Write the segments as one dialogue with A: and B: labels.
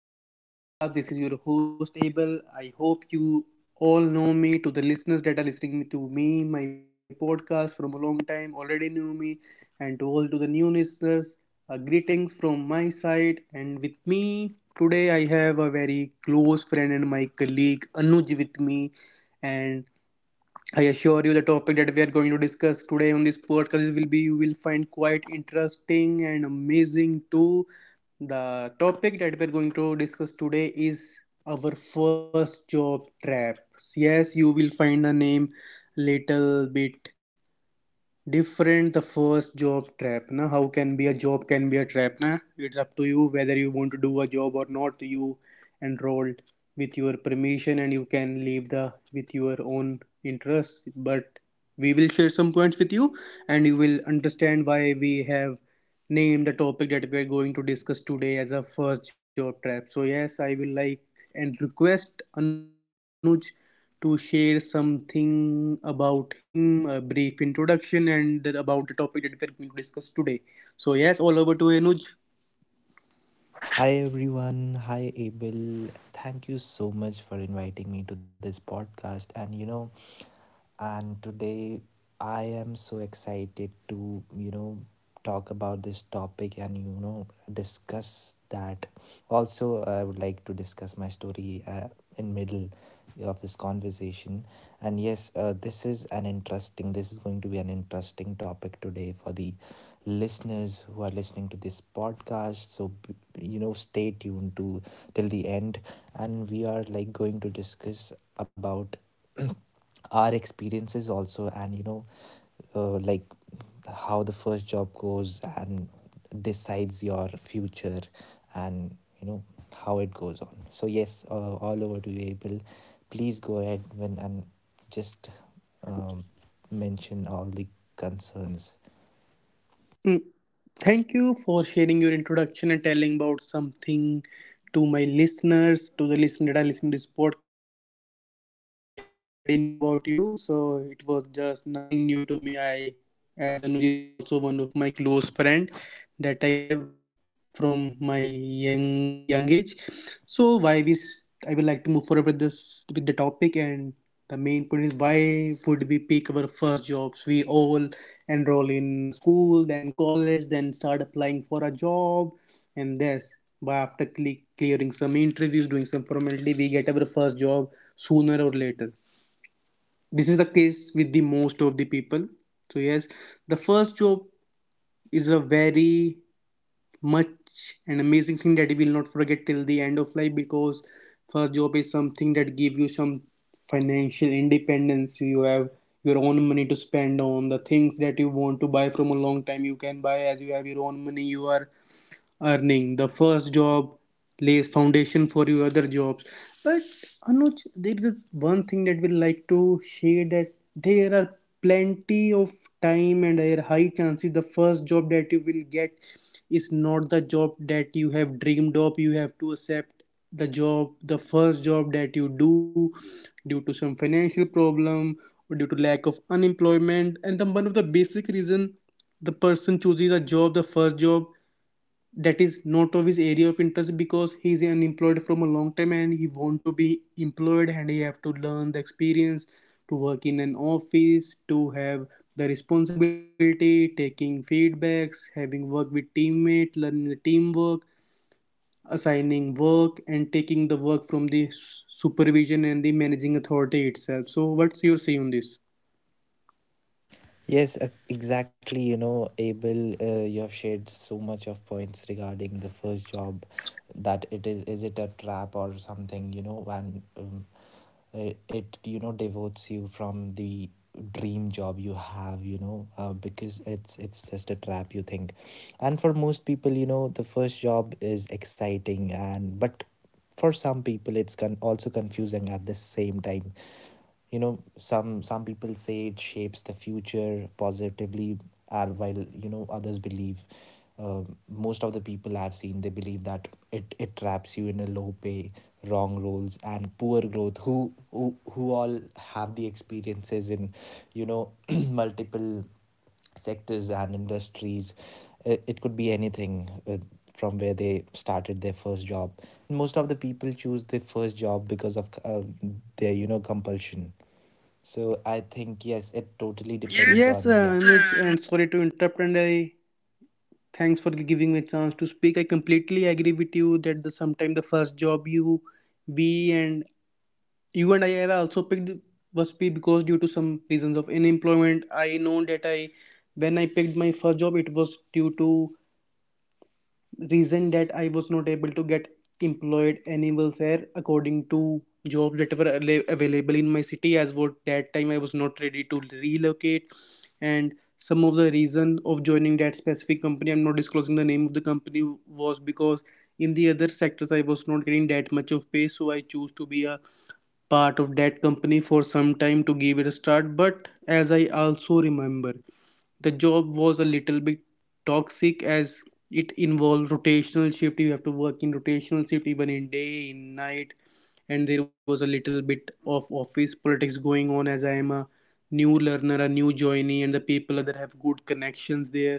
A: back to our podcast. This is your host, Abel. I hope you all know me. To the listeners that are listening to me, my podcast from a long time, already know me, and to the new listeners, greetings from my side. And with me today, I have a very close friend and my colleague Anuj with me, and I assure you, the topic that we are going to discuss today on this podcast will be you will find quite interesting and amazing too. The topic that we're going to discuss today is our first job trap. Yes, you will find the name little bit different, the first job trap na, how can be a job can be a trap na, it's up to you whether you want to do a job or not, you enrolled with your permission and you can leave the with your own interest, but we will share some points with you and you will understand why we have name the topic that we are going to discuss today as a first job trap. So yes, I will like and request Anuj to share something about him, a brief introduction, and about the topic that we are going to discuss today. So yes, all over to Anuj.
B: Hi everyone, hi Abel. Thank you so much for inviting me to this podcast. And today I am so excited to, talk about this topic discuss that. Also, I would like to discuss my story in middle of this conversation. And yes, this is an interesting, this is going to be an interesting topic today for the listeners who are listening to this podcast, so you know stay tuned to till the end, and we are like going to discuss about our experiences also, and like how the first job goes and decides your future, and you know how it goes on. So yes, all over to you Abel, please go ahead when and just um, mention all the concerns.
A: Thank you for sharing your introduction and telling about something to my listeners, to the listener that are listening to this podcast. I already knew about you, so it was just nothing new to me. I, as Anuj is also one of my close friend that I have from my young age, so I would like to move forward with the topic, and the main point is why would we pick our first jobs. We all enroll in a school, then college, then start applying for a job, and this, but after clearing some interviews, doing some formality, we get our first job sooner or later. This is the case with the most of the people. So yes, the first job is a very much and amazing thing that you will not forget till the end of life, because first job is something that give you some financial independence. You have your own money to spend on the things that you want to buy from a long time. You can buy as you have your own money, you are earning. The first job lays foundation for your other jobs. But Anuj, there is one thing that we like to share, that there are plenty of time and there are high chances the first job that you will get is not the job that you have dreamed of. You have to accept the job, the first job that you do, due to some financial problem or due to lack of unemployment. And the one of the basic reason the person chooses a job, the first job, that is not of his area of interest, because he is unemployed from a long time and he want to be employed, and he have to learn the experience to work in an office, to have the responsibility, taking feedbacks, having work with teammates, learning the teamwork, assigning work and taking the work from the supervision and the managing authority itself. So what's your say on this?
B: Yes, exactly. You know, Abel, you have shared so much of points regarding the first job, that it is it a trap or something, you know? It, you know, devotes you from the dream job you have, you know, because it's just a trap, you think. And for most people, you know, the first job is exciting and, but for some people it's also confusing at the same time. You know, some people say it shapes the future positively, and while you know others believe, um, most of the people I've seen, they believe that it traps you in a low pay, wrong roles and poor growth. Who all have the experiences in, you know, multiple sectors and industries. It could be anything, uh, from where they started their first job. Most of the people choose the first job because of, their you know compulsion. So I think yes, it totally depends. Yes,
A: Yes,
B: on yeah.
A: Anuj,
B: Then.
A: and sorry to interrupt, and I thanks for giving me a chance to speak. I completely agree with you that the sometime the first job you we and you and I have also picked was be because due to some reasons of unemployment. I know that I, when I picked my first job, it was due to reason that I was not able to get employed anywhere there according to jobs that were available in my city, as what that time I was not ready to relocate. And some of the reason of joining that specific company, I'm not disclosing the name of the company, was because in the other sectors I was not getting that much of pay, so I chose to be a part of that company for some time to give it a start. But as I also remember, the job was a little bit toxic, as it involved rotational shift. You have to work in rotational shift, even in day, in night, and there was a little bit of office politics going on, as I am a new learner, a new joinee, and the people that have good connections there.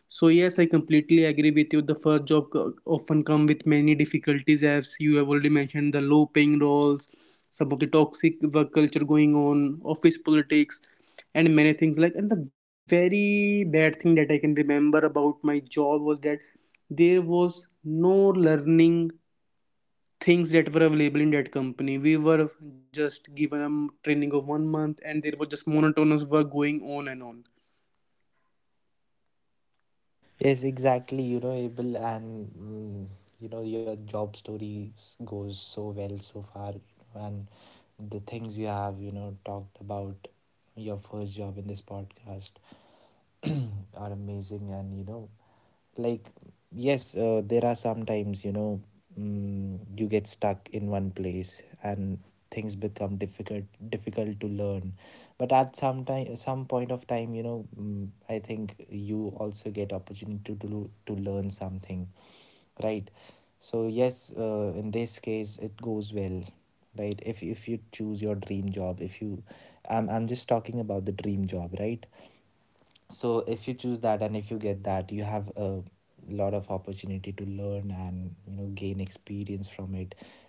A: So yes, I completely agree with you. The first job often come with many difficulties, as you have already mentioned, the low paying roles, some of the toxic work culture going on, office politics, and many things like. And the very bad thing that I can remember about my job was that there was no learning things that were available in that company. We were just given a training of 1 month, and there was just monotonous work going on and on.
B: Yes, exactly. You know, Abel, and mm, you know your job stories goes so well so far, you know, and the things you have you know talked about your first job in this podcast are amazing, and you know like, yes, there are sometimes you know, mm, you get stuck in one place and things become difficult, difficult to learn. But at some time, some point of time, you know, mm, I think you also get opportunity to do, to learn something, right? So yes, in this case it goes well, right? If you choose your dream job, if you, I'm just talking about the dream job, right? So if you choose that and if you get that, you have a lot of opportunity to learn and you know gain experience from it.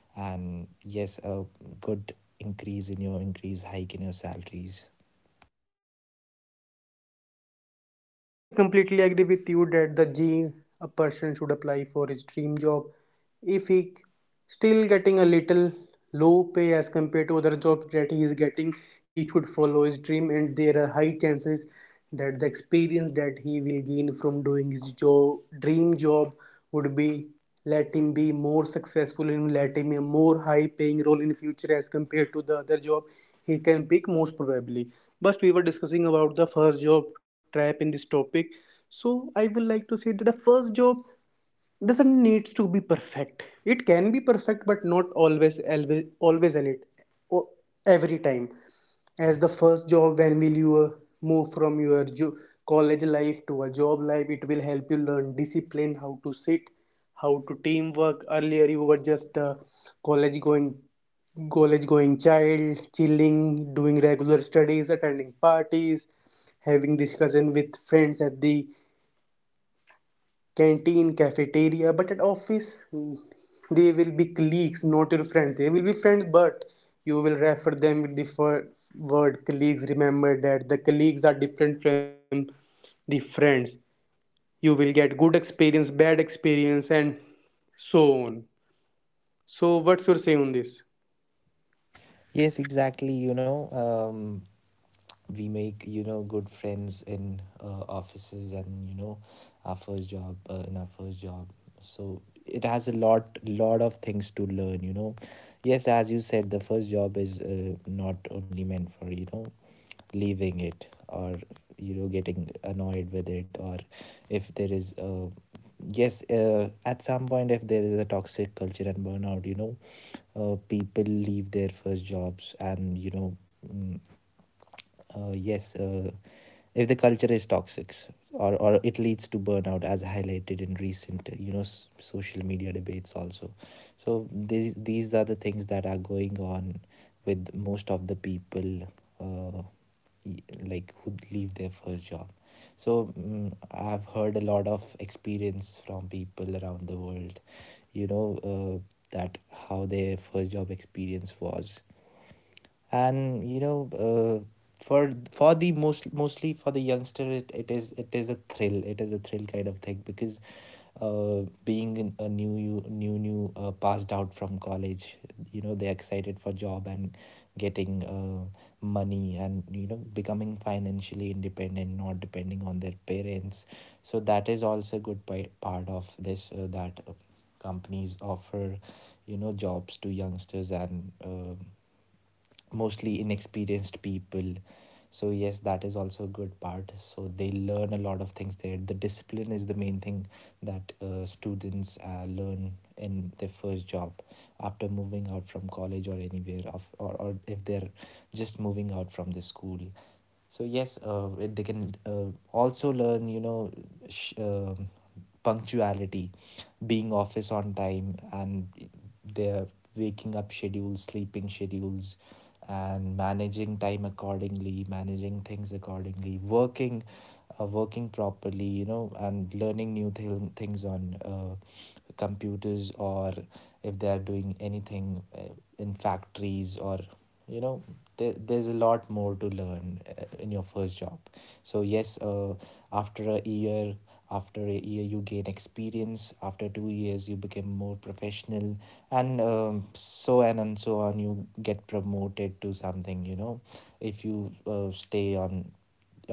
B: And yes, a good increase hike in your salaries.
A: I completely agree with you that the G a person should apply for his dream job. If he still getting a little low pay as compared to other jobs that he is getting, he should follow his dream, and there are high chances that the experience that he will gain from doing his job, dream job, would be let him be more successful and let him a more high paying role in future as compared to the other job he can pick most probably. But we were discussing about the first job trap in this topic, so I would like to say that the first job doesn't need to be perfect. It can be perfect, but not always, always, always, and it o- every time. As the first job, when will you move from your college life to a job life, it will help you learn discipline, how to sit, how to teamwork. Earlier you were just a college going college going child, chilling, doing regular studies, attending parties, having discussion with friends at the canteen, cafeteria, but at office, they will be colleagues, not your friends. They will be friends, but you will refer them with the word colleagues. Remember that the colleagues are different from the friends. You will get good experience, bad experience, and so on. So, what's your say on this?
B: Yes, exactly, you know, um, we make you know good friends in, offices and you know our first job, in our first job. So it has a lot of things to learn, you know. Yes, as you said, the first job is, not only meant for, you know, leaving it or you know getting annoyed with it. Or if there is, yes at some point, if there is a toxic culture and burnout, you know, people leave their first jobs, and you know, mm, uh, yes uh, if the culture is toxic, or it leads to burnout, as highlighted in recent you know social media debates also. So these are the things that are going on with most of the people, uh, like who leave their first job. So mm, I've heard a lot of experience from people around the world, you know, uh, that how their first job experience was. And you know, for the most, mostly for the youngster, it is a thrill, it is a thrill kind of thing, because being in a new you new, passed out from college, you know, they're excited for job, and getting money and you know becoming financially independent, not depending on their parents. So that is also a good part of this, that, companies offer, you know, jobs to youngsters, and, mostly inexperienced people. So yes, that is also a good part. So they learn a lot of things there. The discipline is the main thing that, students, learn in their first job after moving out from college, or anywhere of, or if they're just moving out from the school. So yes, they can, also learn, you know, sh- um punctuality, being office on time, and their waking up schedules, sleeping schedules, and managing time accordingly, managing things accordingly, working, working properly, you know, and learning new things on, computers, or if they are doing anything, in factories or you know, there's a lot more to learn, in your first job. So yes, after a year, after a year you gain experience, after 2 years you become more professional, and so on and so on you get promoted to something, you know, if you, stay on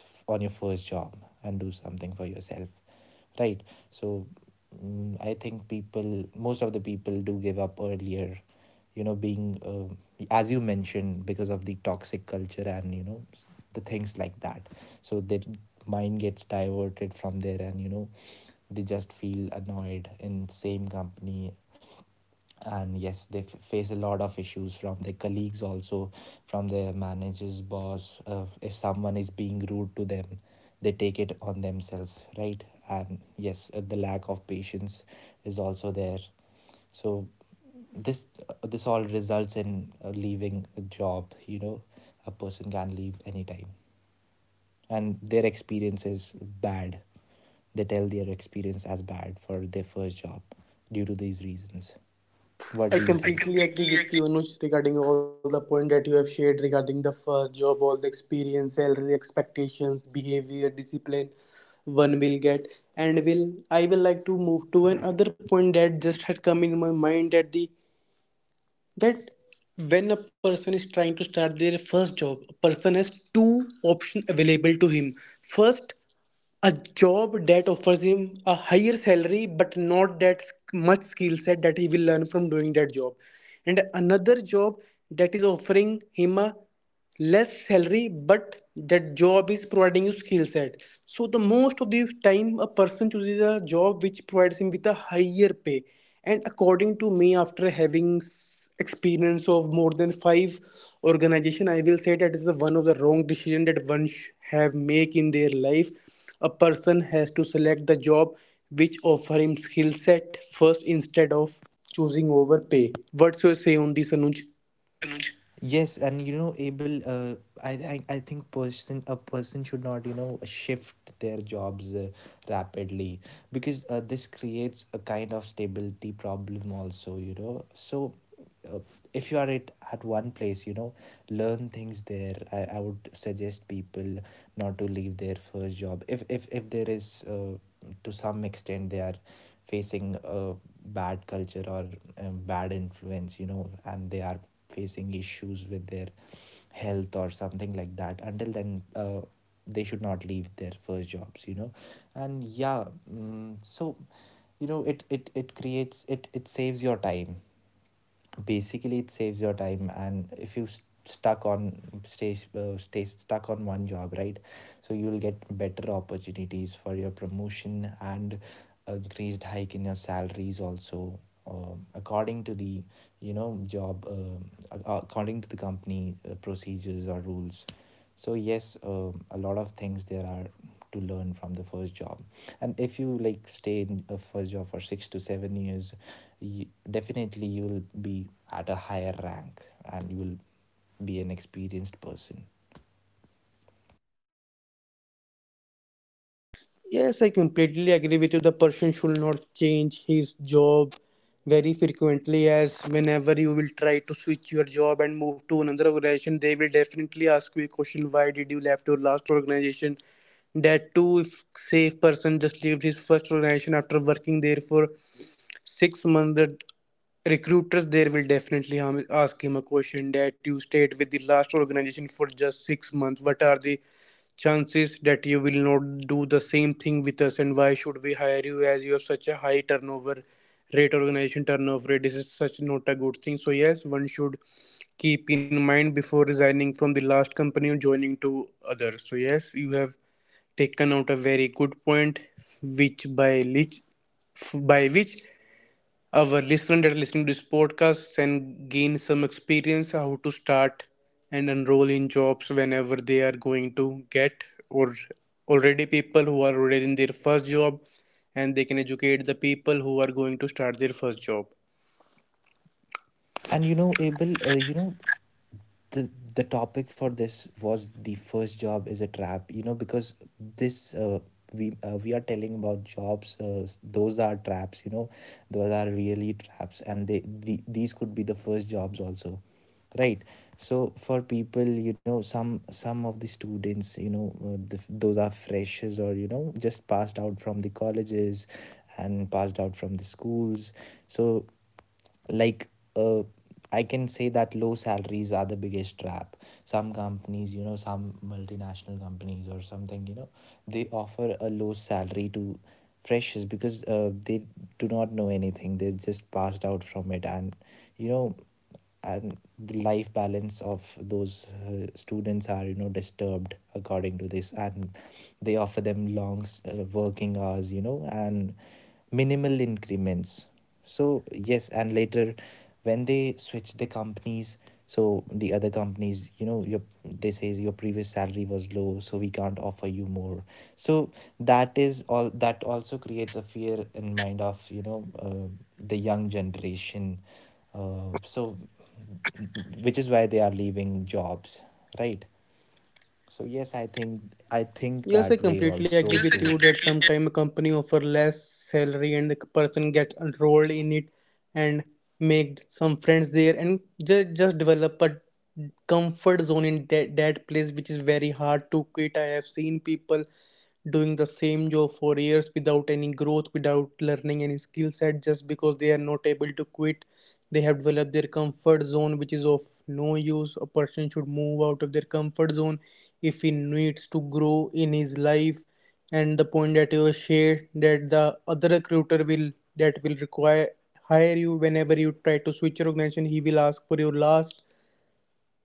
B: on your first job and do something for yourself, right? So mm, I think people, most of the people do give up earlier, you know, being, as you mentioned, because of the toxic culture and you know the things like that. So their mind gets diverted from there, and you know they just feel annoyed in same company. And yes, they face a lot of issues from their colleagues also, from their managers boss, if someone is being rude to them, they take it on themselves, right? And yes, the lack of patience is also there. So this, this all results in, leaving a job, you know. A person can leave anytime, and their experience is bad. They tell their experience as bad for their first job due to these reasons. What do you,
A: I
B: I think I
A: completely
B: completely
A: agree
B: agree.
A: with you, Anuj, regarding all the point that you have shared regarding the first job, all the experience, salary expectations, behavior, discipline one will get. And will I will like to move to another point that just had come in my mind, that the that when a person is trying to start their first job, a person has two options available to him. First, a job that offers him a higher salary but not that much skill set that he will learn from doing that job, and another job that is offering him a less salary but that job is providing you skill set. So the most of the time a person chooses a job which provides him with a higher pay, and according to me, after having experience of more than five organization, I will say that is the one of the wrong decision that one have make in their life. A person has to select the job which offer him skill set first instead of choosing over pay. What do you say on this, Anuj?
B: Yes, and you know, Abel, I think person a person should not you know shift their jobs, rapidly, because, this creates a kind of stability problem also. You know, so, uh, if you are at one place, you know, learn things there. I would suggest people not to leave their first job if if there is, to some extent, they are facing a bad culture, or a bad influence, you know, and they are facing issues with their health or something like that. Until then, they should not leave their first jobs, you know. And yeah, mm, so you know it creates, it saves your time, basically it saves your time. And if you st- stuck on stay stay stuck on one job, right? So you'll get better opportunities for your promotion and increased hike in your salaries also, according to the you know job, according to the company, procedures or rules. So yes, a lot of things there are to learn from the first job. And if you like stay in a first job for 6 to 7 years, you, definitely you will be at a higher rank, and you will be an experienced person.
A: Yes, I completely agree with you. The person should not change his job very frequently, as whenever you will try to switch your job and move to another organization, they will definitely ask you a question, why did you left your last organization? That too, if safe person just left his first organization after working there for 6 months, the recruiters there will definitely ask him a question that you stayed with the last organization for just 6 months. What are the chances that you will not do the same thing with us, and why should we hire you as you have such a high turnover rate, organization turnover rate? This is such not a good thing. So yes, one should keep in mind before resigning from the last company and joining to others. So yes, you have taken out a very good point, which by which by which our listeners that are listening to this podcast and gain some experience how to start and enroll in jobs whenever they are going to get, or already people who are already in their first job, and they can educate the people who are going to start their first job.
B: And you know Abel, you know, the the topic for this was the first job is a trap, you know, because this, we are telling about jobs, those are traps, you know, those are really traps, and these could be the first jobs also, right? So for people, you know, some of the students, you know, those are freshers, or you know just passed out from the colleges and passed out from the schools. So like, uh, I can say that low salaries are the biggest trap. Some companies, you know, some multinational companies or something, you know, they offer a low salary to freshers because, they do not know anything, they just passed out from it. And you know, and the life balance of those, students are you know disturbed according to this, and they offer them long, working hours, you know, and minimal increments. So yes, and later when they switch the companies, so the other companies, you know your, they say your previous salary was low, so we can't offer you more. So that is all, that also creates a fear in mind of, you know, the young generation. So which is why they are leaving jobs, right? So yes, I think
A: Yes, I
B: that way
A: completely agree
B: also.
A: with
B: Yes, I
A: you
B: too
A: that
B: completely
A: sometimes a
B: agree with
A: company
B: you.
A: offer less salary and the person get enrolled in it and make some friends there and just develop a comfort zone in that place, which is very hard to quit. I have seen people doing the same job for years without any growth, without learning any skill set, just because they are not able to quit. They have developed their comfort zone, which is of no use. A person should move out of their comfort zone if he needs to grow in his life. And the point that you have shared, that the other recruiter will that will require hire you whenever you try to switch your organization, he will ask for your last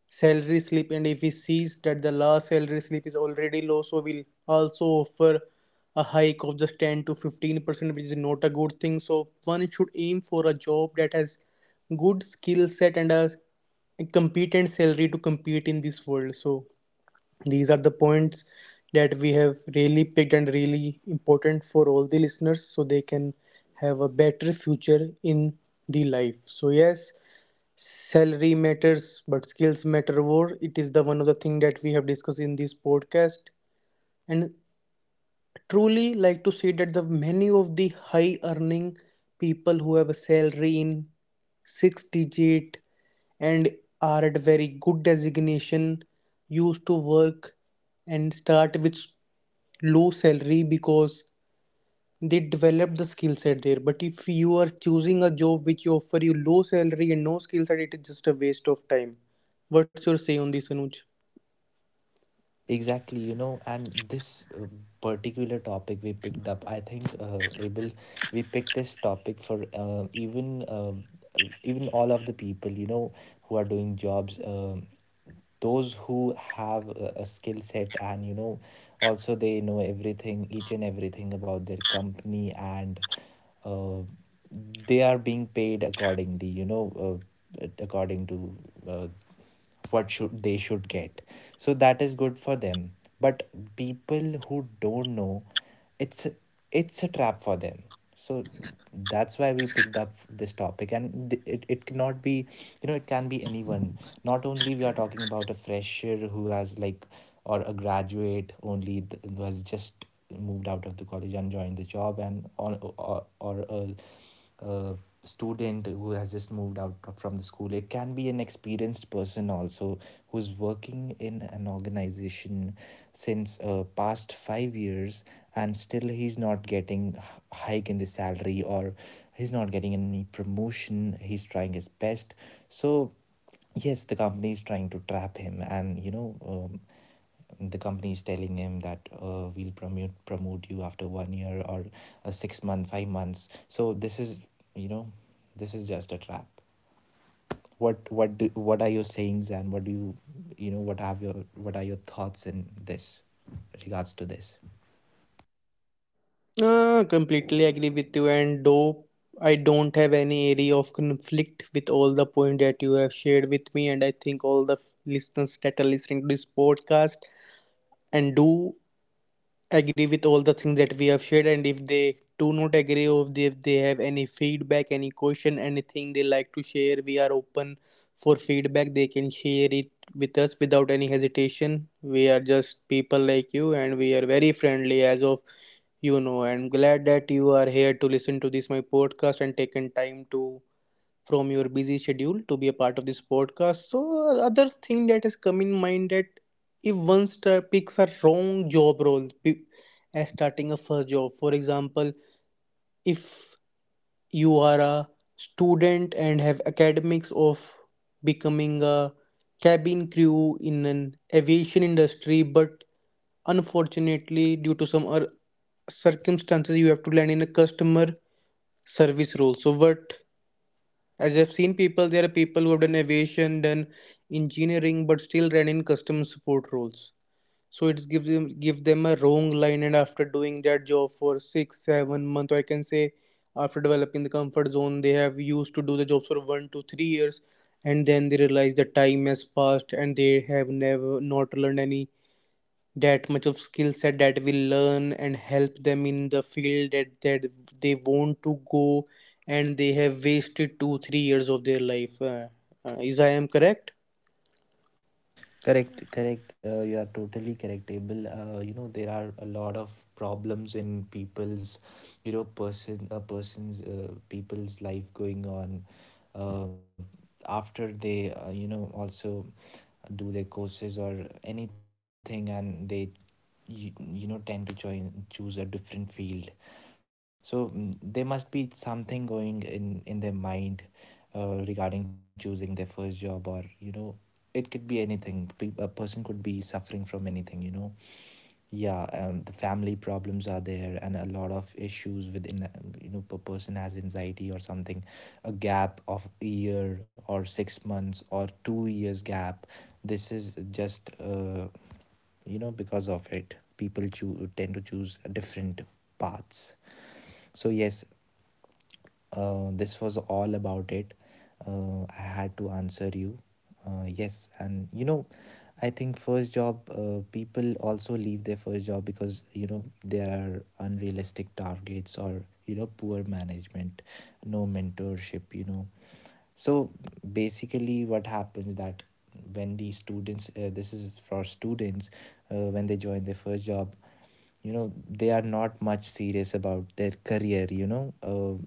A: salary slip, and if he sees that the last salary slip is already low, so we'll also offer a hike of just 10 to 15%, which is not a good thing. So one should aim for a job that has good skill set and a competent salary to compete in this world. So these are the points that we have really picked and really important for all the listeners, so they can have a better future in the life. So yes. Salary matters, but skills matter more. It is the one of the thing that we have discussed in this podcast, and truly like to say that the many of the high earning people who have a salary in six digit and are at very good designation used to work and start with low salary because they develop the skill set there. But if you are choosing a job which you offer you low salary and no skill set, it is just a waste of time. What's your say on this, Anuj?
B: Exactly, you know, and this uh, particular topic we picked up, I think, Abel, we picked this topic for even all of the people, you know, who are doing jobs, those who have a skill set, and you know, also they know everything, each and everything, about their company. And uh, they are being paid accordingly, you know, according to uh, what should they should get. So that is good for them. But people who don't know, it's it's a trap for them. So that's why we picked up this topic, and it cannot be, you know, it can be anyone. Not only we are talking about a fresher who has like, or a graduate only, who has just moved out of the college and joined the job, and or a uh, student who has just moved out from the school. It can be an experienced person also who's working in an organization since past 5 years, and still he's not getting hike in the salary, or he's not getting any promotion. He's trying his best. So yes, the company is trying to trap him, and the company is telling him that we'll promote you after 1 year, or a 6 month, 5 months. So this is, you know this is just a trap. What are your sayings, and what do you, you know what have your what are your thoughts in this regards to this?
A: Ah, completely agree with you, and though I don't have any area of conflict with all the point that you have shared with me, and I think all the listeners that are listening to this podcast and do agree with all the things that we have shared, and if they do not agree or if they have any feedback, any question, anything they like to share, we are open for feedback. They can share it with us without any hesitation. We are just people like you, and we are very friendly as of. You know, I'm glad that you are here to listen to this my podcast and taken time to from your busy schedule to be a part of this podcast. So other thing that has come in mind, that if one star picks a wrong job role as starting a first job. For example, if you are a student and have academics of becoming a cabin crew in an aviation industry, but unfortunately due to some other circumstances you have to land in a customer service role. So what As I've seen people, there are people who have done aviation, done engineering, but still ran in customer support roles. So it give them a wrong line, and after doing that job for 6, 7 months, or I can say after developing the comfort zone, they have used to do the jobs for 1 to 3 years, and then they realize the time has passed, and they have never not learned any that much of skill set that will learn and help them in the field that they want to go, and they have wasted 2 3 years of their life. Is I am correct?
B: Correct, correct. You are totally correct, Abel. You know, there are a lot of problems in you know, a person's, people's life going on, uh, after they, also do their courses or anything, and they you know tend to join choose a different field. So there must be something going in their mind regarding choosing their first job, or you know, it could be anything. A person could be suffering from anything, you know. Yeah, the family problems are there, and a lot of issues within, you know, a person has anxiety or something. A gap of a year or 6 months or 2 years gap. This is just, because of it, people choose tend to choose different paths. So yes, this was all about it. I had to answer you. Yes, and you know, I think first job, people also leave their first job because, you know, there are unrealistic targets, or you know, poor management, no mentorship. You know, so basically what happens that when these students, this is for students, when they join their first job, you know, they are not much serious about their career,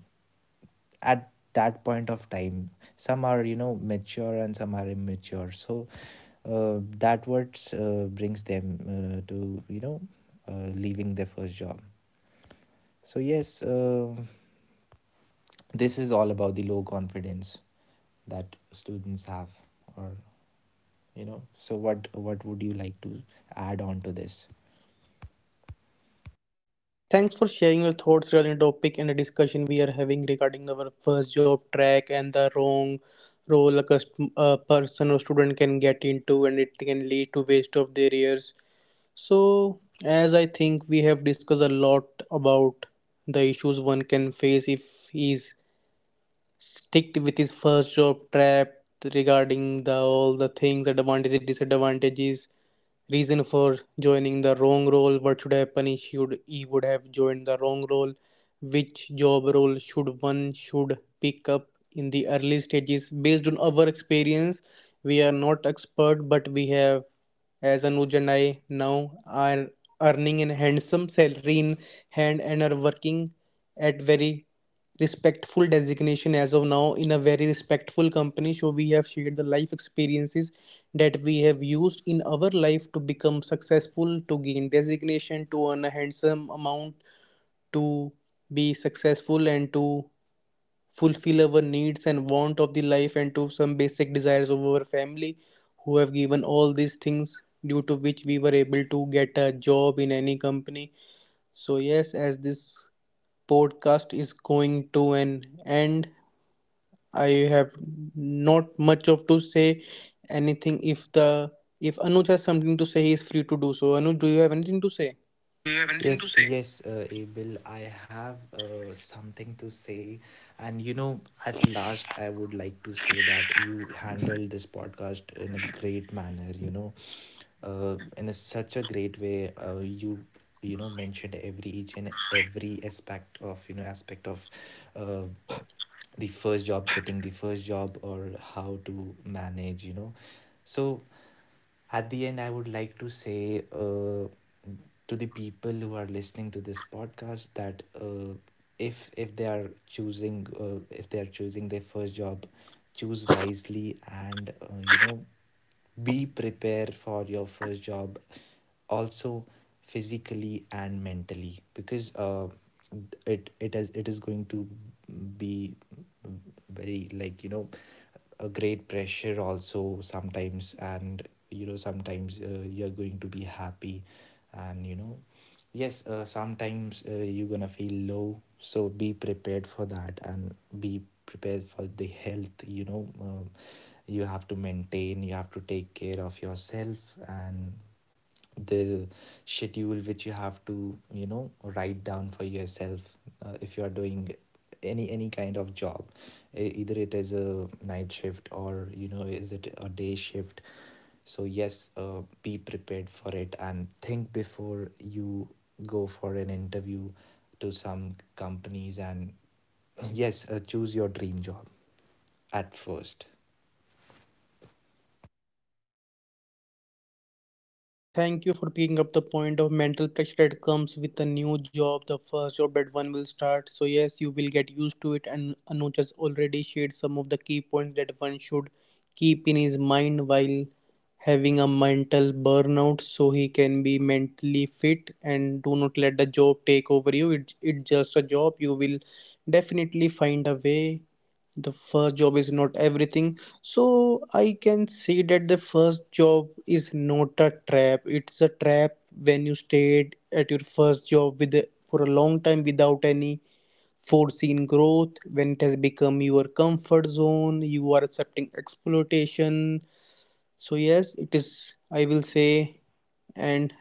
B: at that point of time. Some are, you know, mature, and some are immature. So that what brings them to, you know, leaving their first job. So yes, this is all about the low confidence that students have. Or you know, so what would you like to add on to this?
A: Thanks for sharing your thoughts regarding the topic and the discussion we are having regarding our first job track and the wrong role a person or student can get into, and it can lead to waste of their years. So as I think we have discussed a lot about the issues one can face if he is sticked with his first job trapped, regarding the all the things, advantages, disadvantages, reason for joining the wrong role, what should happen, he would have joined the wrong role, which job role should pick up in the early stages. Based on our experience, we are not expert, but we have, as Anuj and I now are earning a handsome salary in hand and are working at very respectful designation as of now in a very respectful company. So we have shared the life experiences that we have used in our life to become successful, to gain designation, to earn a handsome amount, to be successful and to fulfill our needs and want of the life, and to some basic desires of our family who have given all these things, due to which we were able to get a job in any company. So yes, as this podcast is going to an end, I have not much of to say anything. If the if Anuj has something to say, he is free to do so. Anuj, do you have anything to say?
B: Do you have anything to, yes, say? Yes, Abel, I have something to say. And you know, at last, I would like to say that you handled this podcast in a great manner, you know, such a great way. You, you know, mentioned every each and every aspect of you know aspect of uh, the first job, getting the first job, or how to manage, you know. So at the end, I would like to say, to the people who are listening to this podcast, that if they are choosing, if they are choosing their first job, choose wisely. And you know, be prepared for your first job also, physically and mentally, because it is going to be very, like, you know, a great pressure also sometimes. And you know, sometimes you're going to be happy, and you know, yes, sometimes you're gonna feel low. So be prepared for that, and be prepared for the health, you know, you have to maintain, you have to take care of yourself, and the schedule which you have to, you know, write down for yourself. If you are doing any kind of job, either it is a night shift, or you know, is it a day shift. So yes, be prepared for it, and think before you go for an interview to some companies. And yes, choose your dream job at first.
A: No, so thank you for picking up the point of mental pressure that comes with a new job, the first job that one will start. So yes, you will get used to it, and Anuj has already shared some of the key points that one should keep in his mind while having a mental burnout, so he can be mentally fit and do not let the job take over you. It's just a job. You will definitely find a way. The first job is not everything. So I can say that the first job is not a trap. It's a trap when you stayed at your first job with for a long time without any foreseen growth. When it has become your comfort zone, you are accepting exploitation. So yes, it is, I will say. And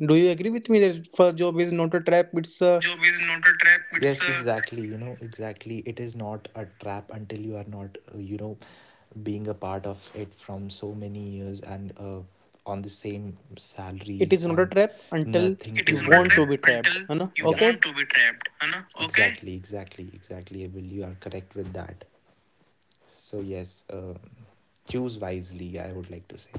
A: do you agree with me that first job is not a trap? It's
B: First
A: a.
B: job is not a trap, it's, yes, a, exactly. You know, exactly. It is not a trap until you are not, you know, being a part of it from so many years, and on the same
A: It
B: salaries
A: is not a
B: and
A: trap until
B: nothing It to
A: you
B: is not a learn.
A: want
B: Trap
A: to be
B: until
A: trapped. है ना?
B: you, yeah, want
A: Okay.
B: to be trapped, है ना, okay. Exactly, exactly, exactly. Abel, you are correct with that. So yes, choose wisely, I would like to say.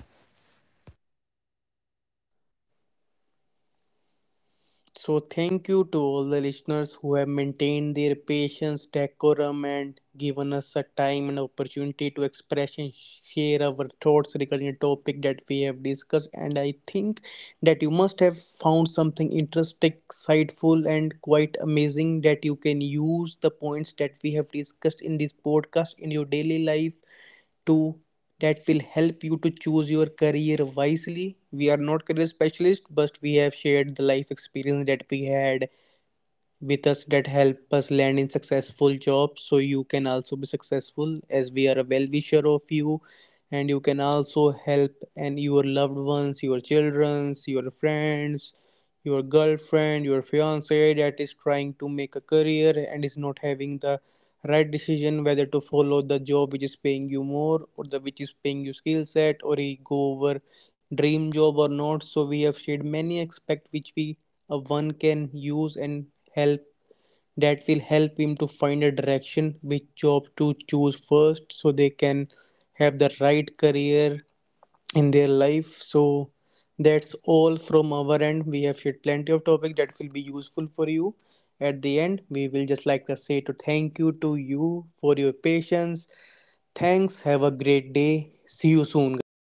A: So, thank you to all the listeners who have maintained their patience, decorum, and given us a time and opportunity to express and share our thoughts regarding a topic that we have discussed. And I think that you must have found something interesting, insightful, and quite amazing that you can use the points that we have discussed in this podcast in your daily life Two that will help you to choose your career wisely. We are not career specialists, but we have shared the life experience that we had with us that help us land in successful jobs. So you can also be successful, as we are a well wisher of you, and you can also help and your loved ones, your childrens, your friends, your girlfriend, your fiance that is trying to make a career and is not having the right decision whether to follow the job which is paying you more or the which is paying you skill set, or you go over dream job or not. So we have shared many aspects which we one can use and help that will help him to find a direction which job to choose first, so they can have the right career in their life. So that's all from our end. We have shared plenty of topic that will be useful for you. At the end we will just like to say to thank you to you for your patience. Thanks, have a great day, see you soon guys.